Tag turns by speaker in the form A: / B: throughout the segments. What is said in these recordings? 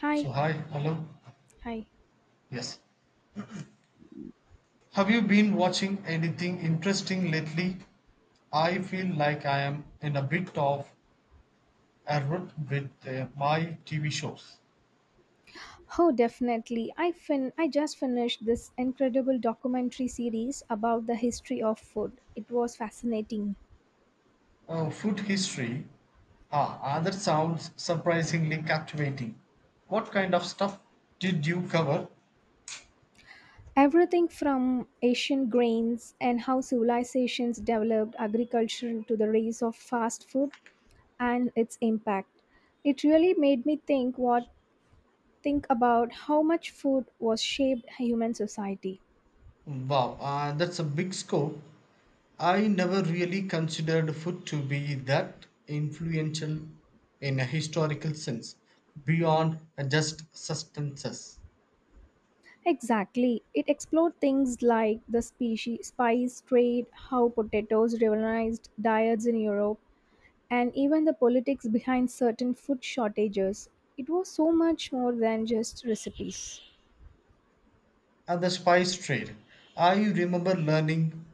A: Hi,
B: So hi, hello.
A: hi.
B: Yes. Have you been watching anything interesting lately? I feel like I am in a bit of a rut with my TV shows.
A: Oh, definitely. I just finished this incredible documentary series about the history of food. It was fascinating.
B: Oh, food history. Ah, that sounds surprisingly captivating. What kind of stuff did you cover?
A: Everything from ancient grains and how civilizations developed agriculture to the rise of fast food and its impact. It really made me think about how much food was shaped human society.
B: Wow, that's a big scope. I never really considered food to be that influential in a historical sense, beyond just substances.
A: Exactly. It explored things like the spice trade, how potatoes revolutionized diets in Europe, and even the politics behind certain food shortages. It was so much more than just recipes.
B: And the spice trade, I remember learning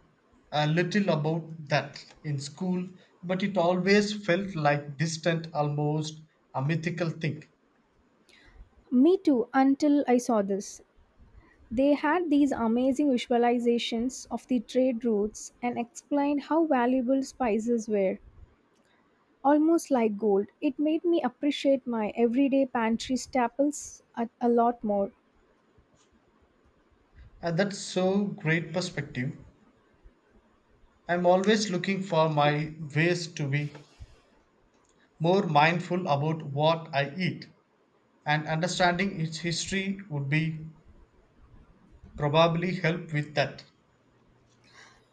B: a little about that in school, but it always felt like distant, almost a mythical thing.
A: Me too, until I saw this. They had these amazing visualizations of the trade routes and explained how valuable spices were, almost like gold. It made me appreciate my everyday pantry staples a lot more.
B: And that's so great perspective. I'm always looking for my ways to be more mindful about what I eat, and understanding its history would be probably help with that.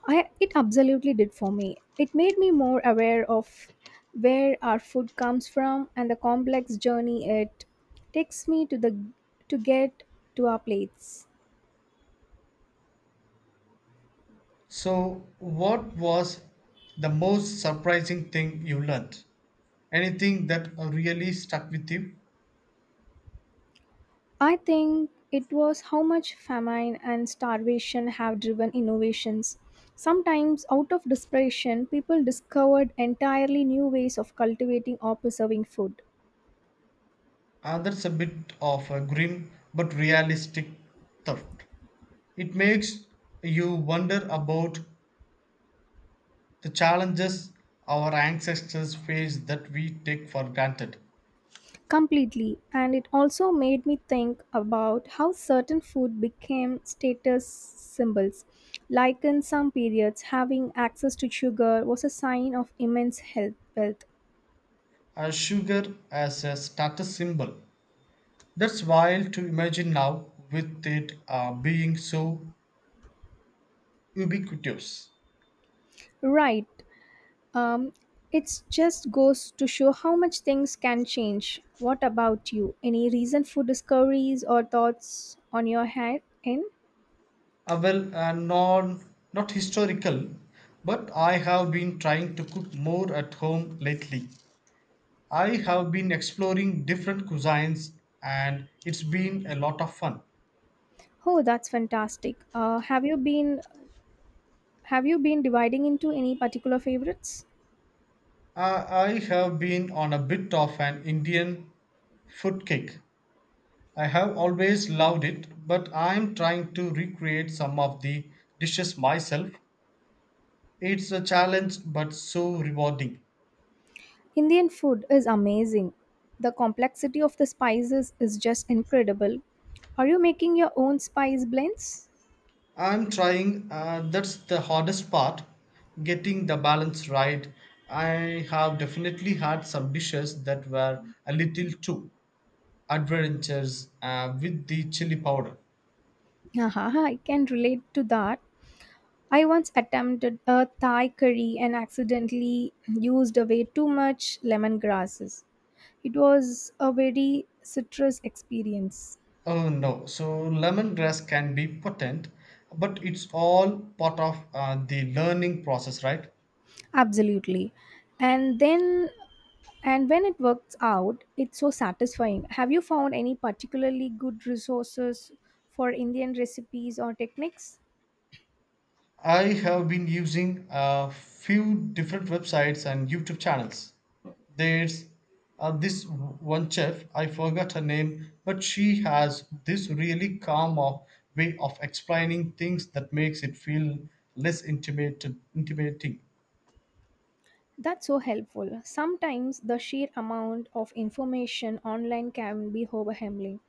A: I it absolutely did for me. It made me more aware of where our food comes from and the complex journey it takes me to the to get to our plates.
B: So what was the most surprising thing you learned, anything that really stuck with you?
A: I think it was how much famine and starvation have driven innovations. Sometimes out of desperation people discovered entirely new ways of cultivating or preserving food.
B: That's a bit of a grim but realistic thought. It makes you wonder about the challenges our ancestors faced that we take for granted.
A: Completely, and it also made me think about how certain food became status symbols. Like in some periods, having access to sugar was a sign of immense health wealth.
B: Sugar as a status symbol. That's wild to imagine now, with it being so ubiquitous.
A: Right. Um, it just goes to show how much things can change. What about you? Any recent food discoveries or thoughts on your head end?
B: Uh, well, uh, non, Not historical, but I have been trying to cook more at home lately. I have been exploring different cuisines, and it's been a lot of fun.
A: Oh, that's fantastic. Have you been dividing into any particular favorites?
B: I have been on a bit of an Indian food kick. I have always loved it, but I'm trying to recreate some of the dishes myself. It's a challenge, but so rewarding.
A: Indian food is amazing. The complexity of the spices is just incredible. Are you making your own spice blends?
B: I'm trying, that's the hardest part, getting the balance right. I have definitely had some dishes that were a little too adventurous with the chili powder.
A: Haha, I can relate to that. I once attempted a Thai curry and accidentally used away too much lemongrasses. It was a very citrus experience.
B: Oh no, so lemongrass can be potent, but it's all part of the learning process, right?
A: Absolutely. And then And when it works out, it's so satisfying. Have you found any particularly good resources for Indian recipes or techniques?
B: I have been using a few different websites and YouTube channels. There's This one chef, I forgot her name, but she has this really calm of, way of explaining things that makes it feel intimidating.
A: That's so helpful. Sometimes the sheer amount of information online can be overwhelming.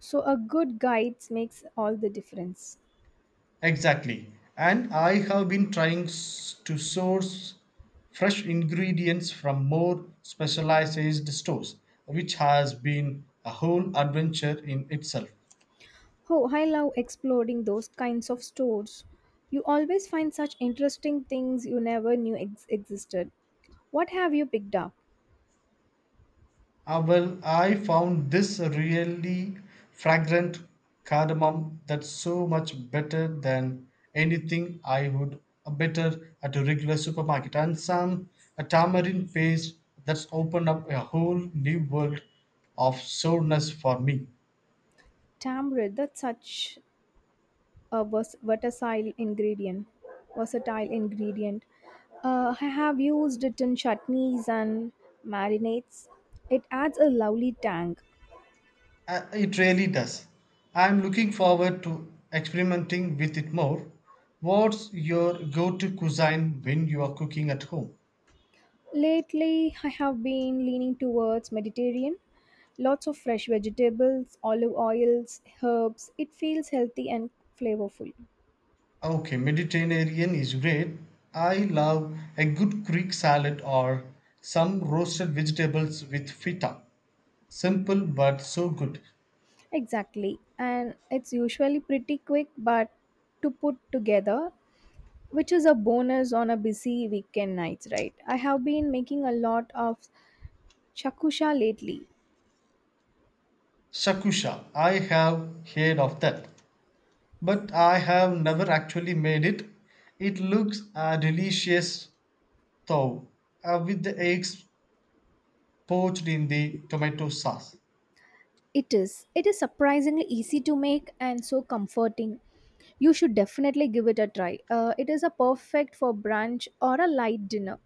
A: So a good guide makes all the difference.
B: Exactly. And I have been trying to source fresh ingredients from more specialized stores, which has been a whole adventure in itself.
A: Oh, I love exploring those kinds of stores. You always find such interesting things you never knew existed. What have you picked up?
B: I found this really fragrant cardamom that's so much better than anything I would better at a regular supermarket. And some a tamarind paste that's opened up a whole new world of sourness for me.
A: Tamarind, that's such a versatile ingredient. Versatile ingredient. I have used it in chutneys and marinades. It adds a lovely tang.
B: It really does. I'm looking forward to experimenting with it more. What's your go-to cuisine when you are cooking at home?
A: Lately, I have been leaning towards Mediterranean. Lots of fresh vegetables, olive oils, herbs. It feels healthy and flavorful.
B: Okay, Mediterranean is great. I love a good Greek salad or some roasted vegetables with feta. Simple but so good.
A: Exactly. And it's usually pretty quick, but to put together, which is a bonus on a busy weekend nights, right? I have been making a lot of shakusha lately.
B: Shakusha, I have heard of that, but I have never actually made it. It looks delicious though, with the eggs poached in the tomato sauce.
A: It is. It is surprisingly easy to make and so comforting. You should definitely give it a try. It is a perfect for brunch or a light dinner.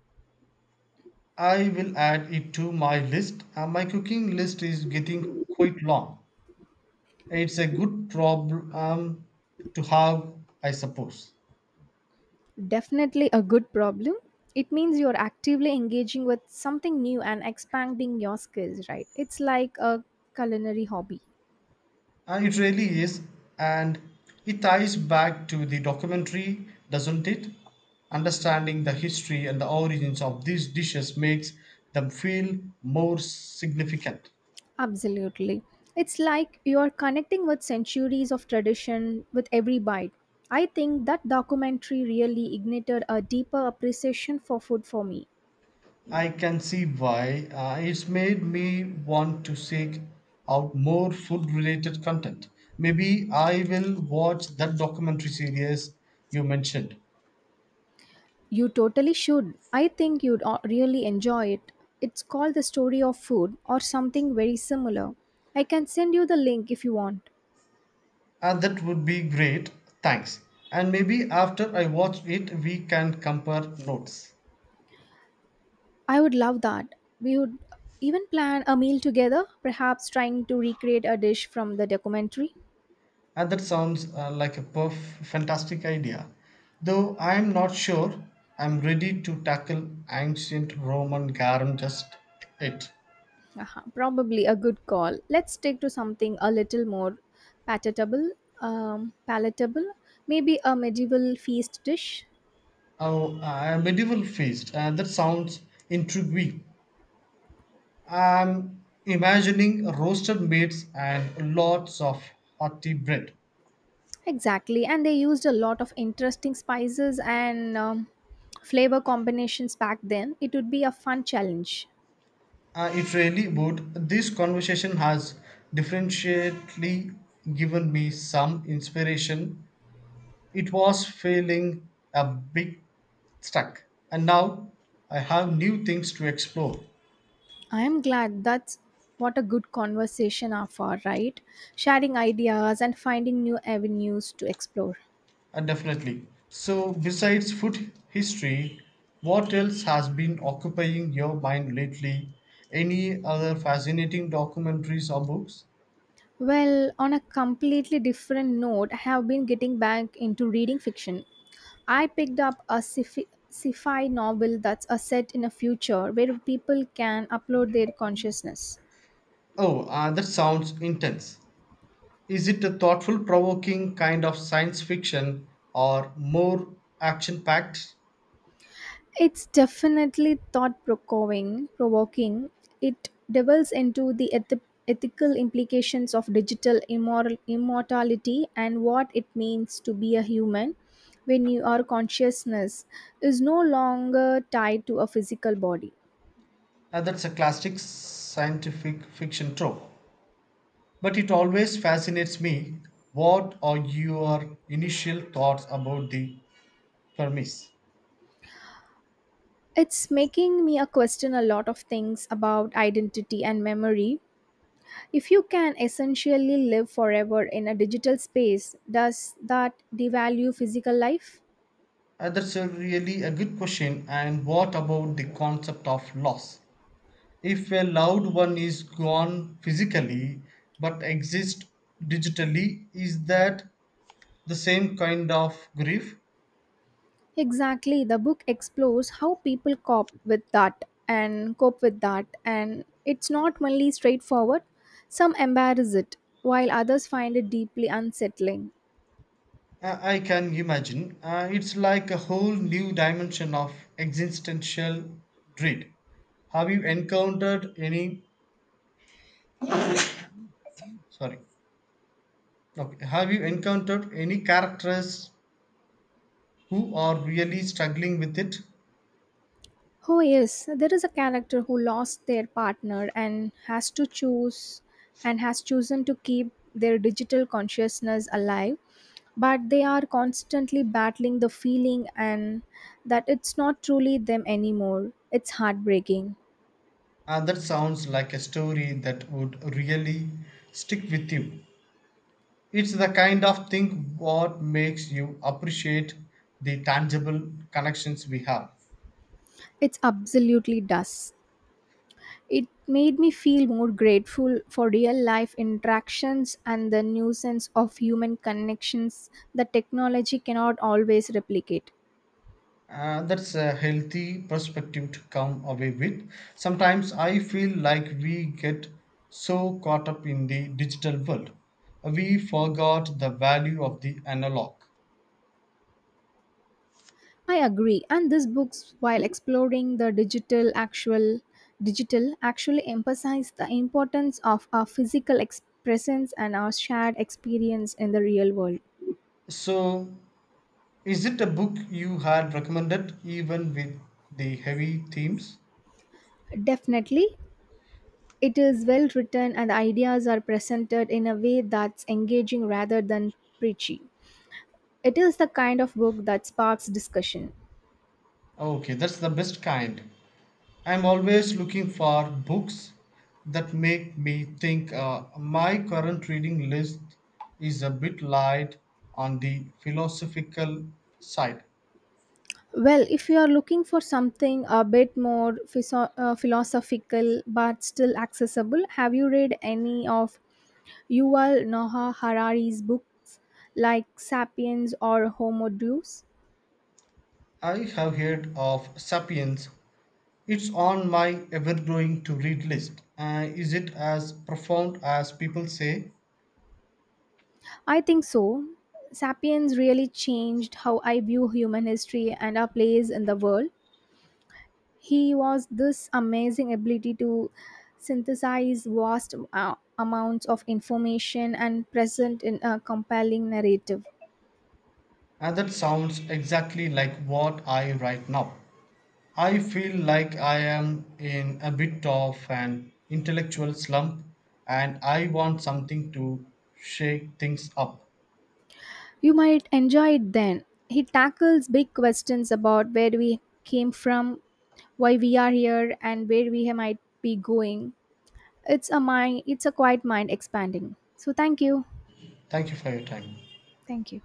B: I will add it to my list. My cooking list is getting quite long. It's a good problem to have, I suppose.
A: Definitely a good problem. It means you're actively engaging with something new and expanding your skills, right? It's like a culinary hobby.
B: And it really is, and it ties back to the documentary, doesn't it? Understanding the history and the origins of these dishes makes them feel more significant.
A: Absolutely. It's like you are connecting with centuries of tradition with every bite. I think that documentary really ignited a deeper appreciation for food for me.
B: I can see why, it's made me want to seek out more food related content. Maybe I will watch that documentary series you mentioned.
A: You totally should. I think you'd really enjoy it. It's called The Story of Food or something very similar. I can send you the link if you want.
B: That would be great, thanks. And maybe after I watch it, we can compare notes.
A: I would love that. We would even plan a meal together, perhaps trying to recreate a dish from the documentary.
B: And that sounds like a fantastic idea. Though I'm not sure I'm ready to tackle ancient Roman garum just it.
A: Uh-huh, probably a good call. Let's stick to something a little more palatable. Um, palatable, maybe a medieval feast dish.
B: Oh, ah, a medieval feast. That sounds intriguing. I'm imagining roasted meats and lots of hearty bread.
A: Exactly, and they used a lot of interesting spices and flavor combinations back then. It would be a fun challenge.
B: It really would. This conversation has differentially given me some inspiration. It was feeling a bit stuck, and now I have new things to explore.
A: I am glad. That's what a good conversation are for, right? Sharing ideas and finding new avenues to explore.
B: Definitely. So, besides food history, what else has been occupying your mind lately? Any other fascinating documentaries or books?
A: Well, on a completely different note, I have been getting back into reading fiction. I picked up a sci-fi novel that's a set in a future where people can upload their consciousness.
B: Oh, that sounds intense. Is it a thoughtful, provoking kind of science fiction or more action packed?
A: It's definitely thought Provoking. It delves into the ethical implications of digital immortality and what it means to be a human when your consciousness is no longer tied to a physical body.
B: That's a classic scientific fiction trope. But it always fascinates me. What are your initial thoughts about the premise?
A: It's making me a question a lot of things about identity and memory. If you can essentially live forever in a digital space, does that devalue physical life?
B: That's a really a good question. And what about the concept of loss? If a loved one is gone physically but exists digitally, is that the same kind of grief?
A: Exactly. The book explores how people cope with that and it's not only straightforward. Some embarrass it, while others find it deeply unsettling.
B: I can imagine. It's like a whole new dimension of existential dread. Have you encountered any? Sorry. Okay. Have you encountered any characters who are really struggling with it?
A: Oh yes, there is a character who lost their partner and has chosen to keep their digital consciousness alive, but they are constantly battling the feeling and that it's not truly them anymore. It's heartbreaking.
B: That sounds like a story that would really stick with you. It's the kind of thing what makes you appreciate the tangible connections we have.
A: It's absolutely does. It made me feel more grateful for real life interactions and the nuisance of human connections that technology cannot always replicate.
B: That's a healthy perspective to come away with. Sometimes I feel like we get so caught up in the digital world, we forgot the value of the analog.
A: I agree. And this books, while exploring the digital, actually emphasize the importance of our physical presence and our shared experience in the real world.
B: So, is it a book you had recommended even with the heavy themes?
A: Definitely, it is well written and the ideas are presented in a way that's engaging rather than preachy. It is the kind of book that sparks discussion.
B: Okay, that's the best kind. I'm always looking for books that make me think. My current reading list is a bit light on the philosophical side.
A: Well, if you are looking for something a bit more philosophical but still accessible, have you read any of Yuval Noah Harari's books like Sapiens or Homo Deus?
B: I have heard of Sapiens. It's on my ever growing to read list. Is it as profound as people say?
A: I think so. Sapiens really changed how I view human history and our place in the world. He was this amazing ability to synthesize vast amounts of information and present in a compelling narrative.
B: And that sounds exactly like what I write now. I feel like I am in a bit of an intellectual slump, and I want something to shake things up.
A: You might enjoy it then. He tackles big questions about where we came from, why we are here, and where we might be going. It's a quiet mind expanding. So thank you.
B: Thank you for your time.
A: Thank you.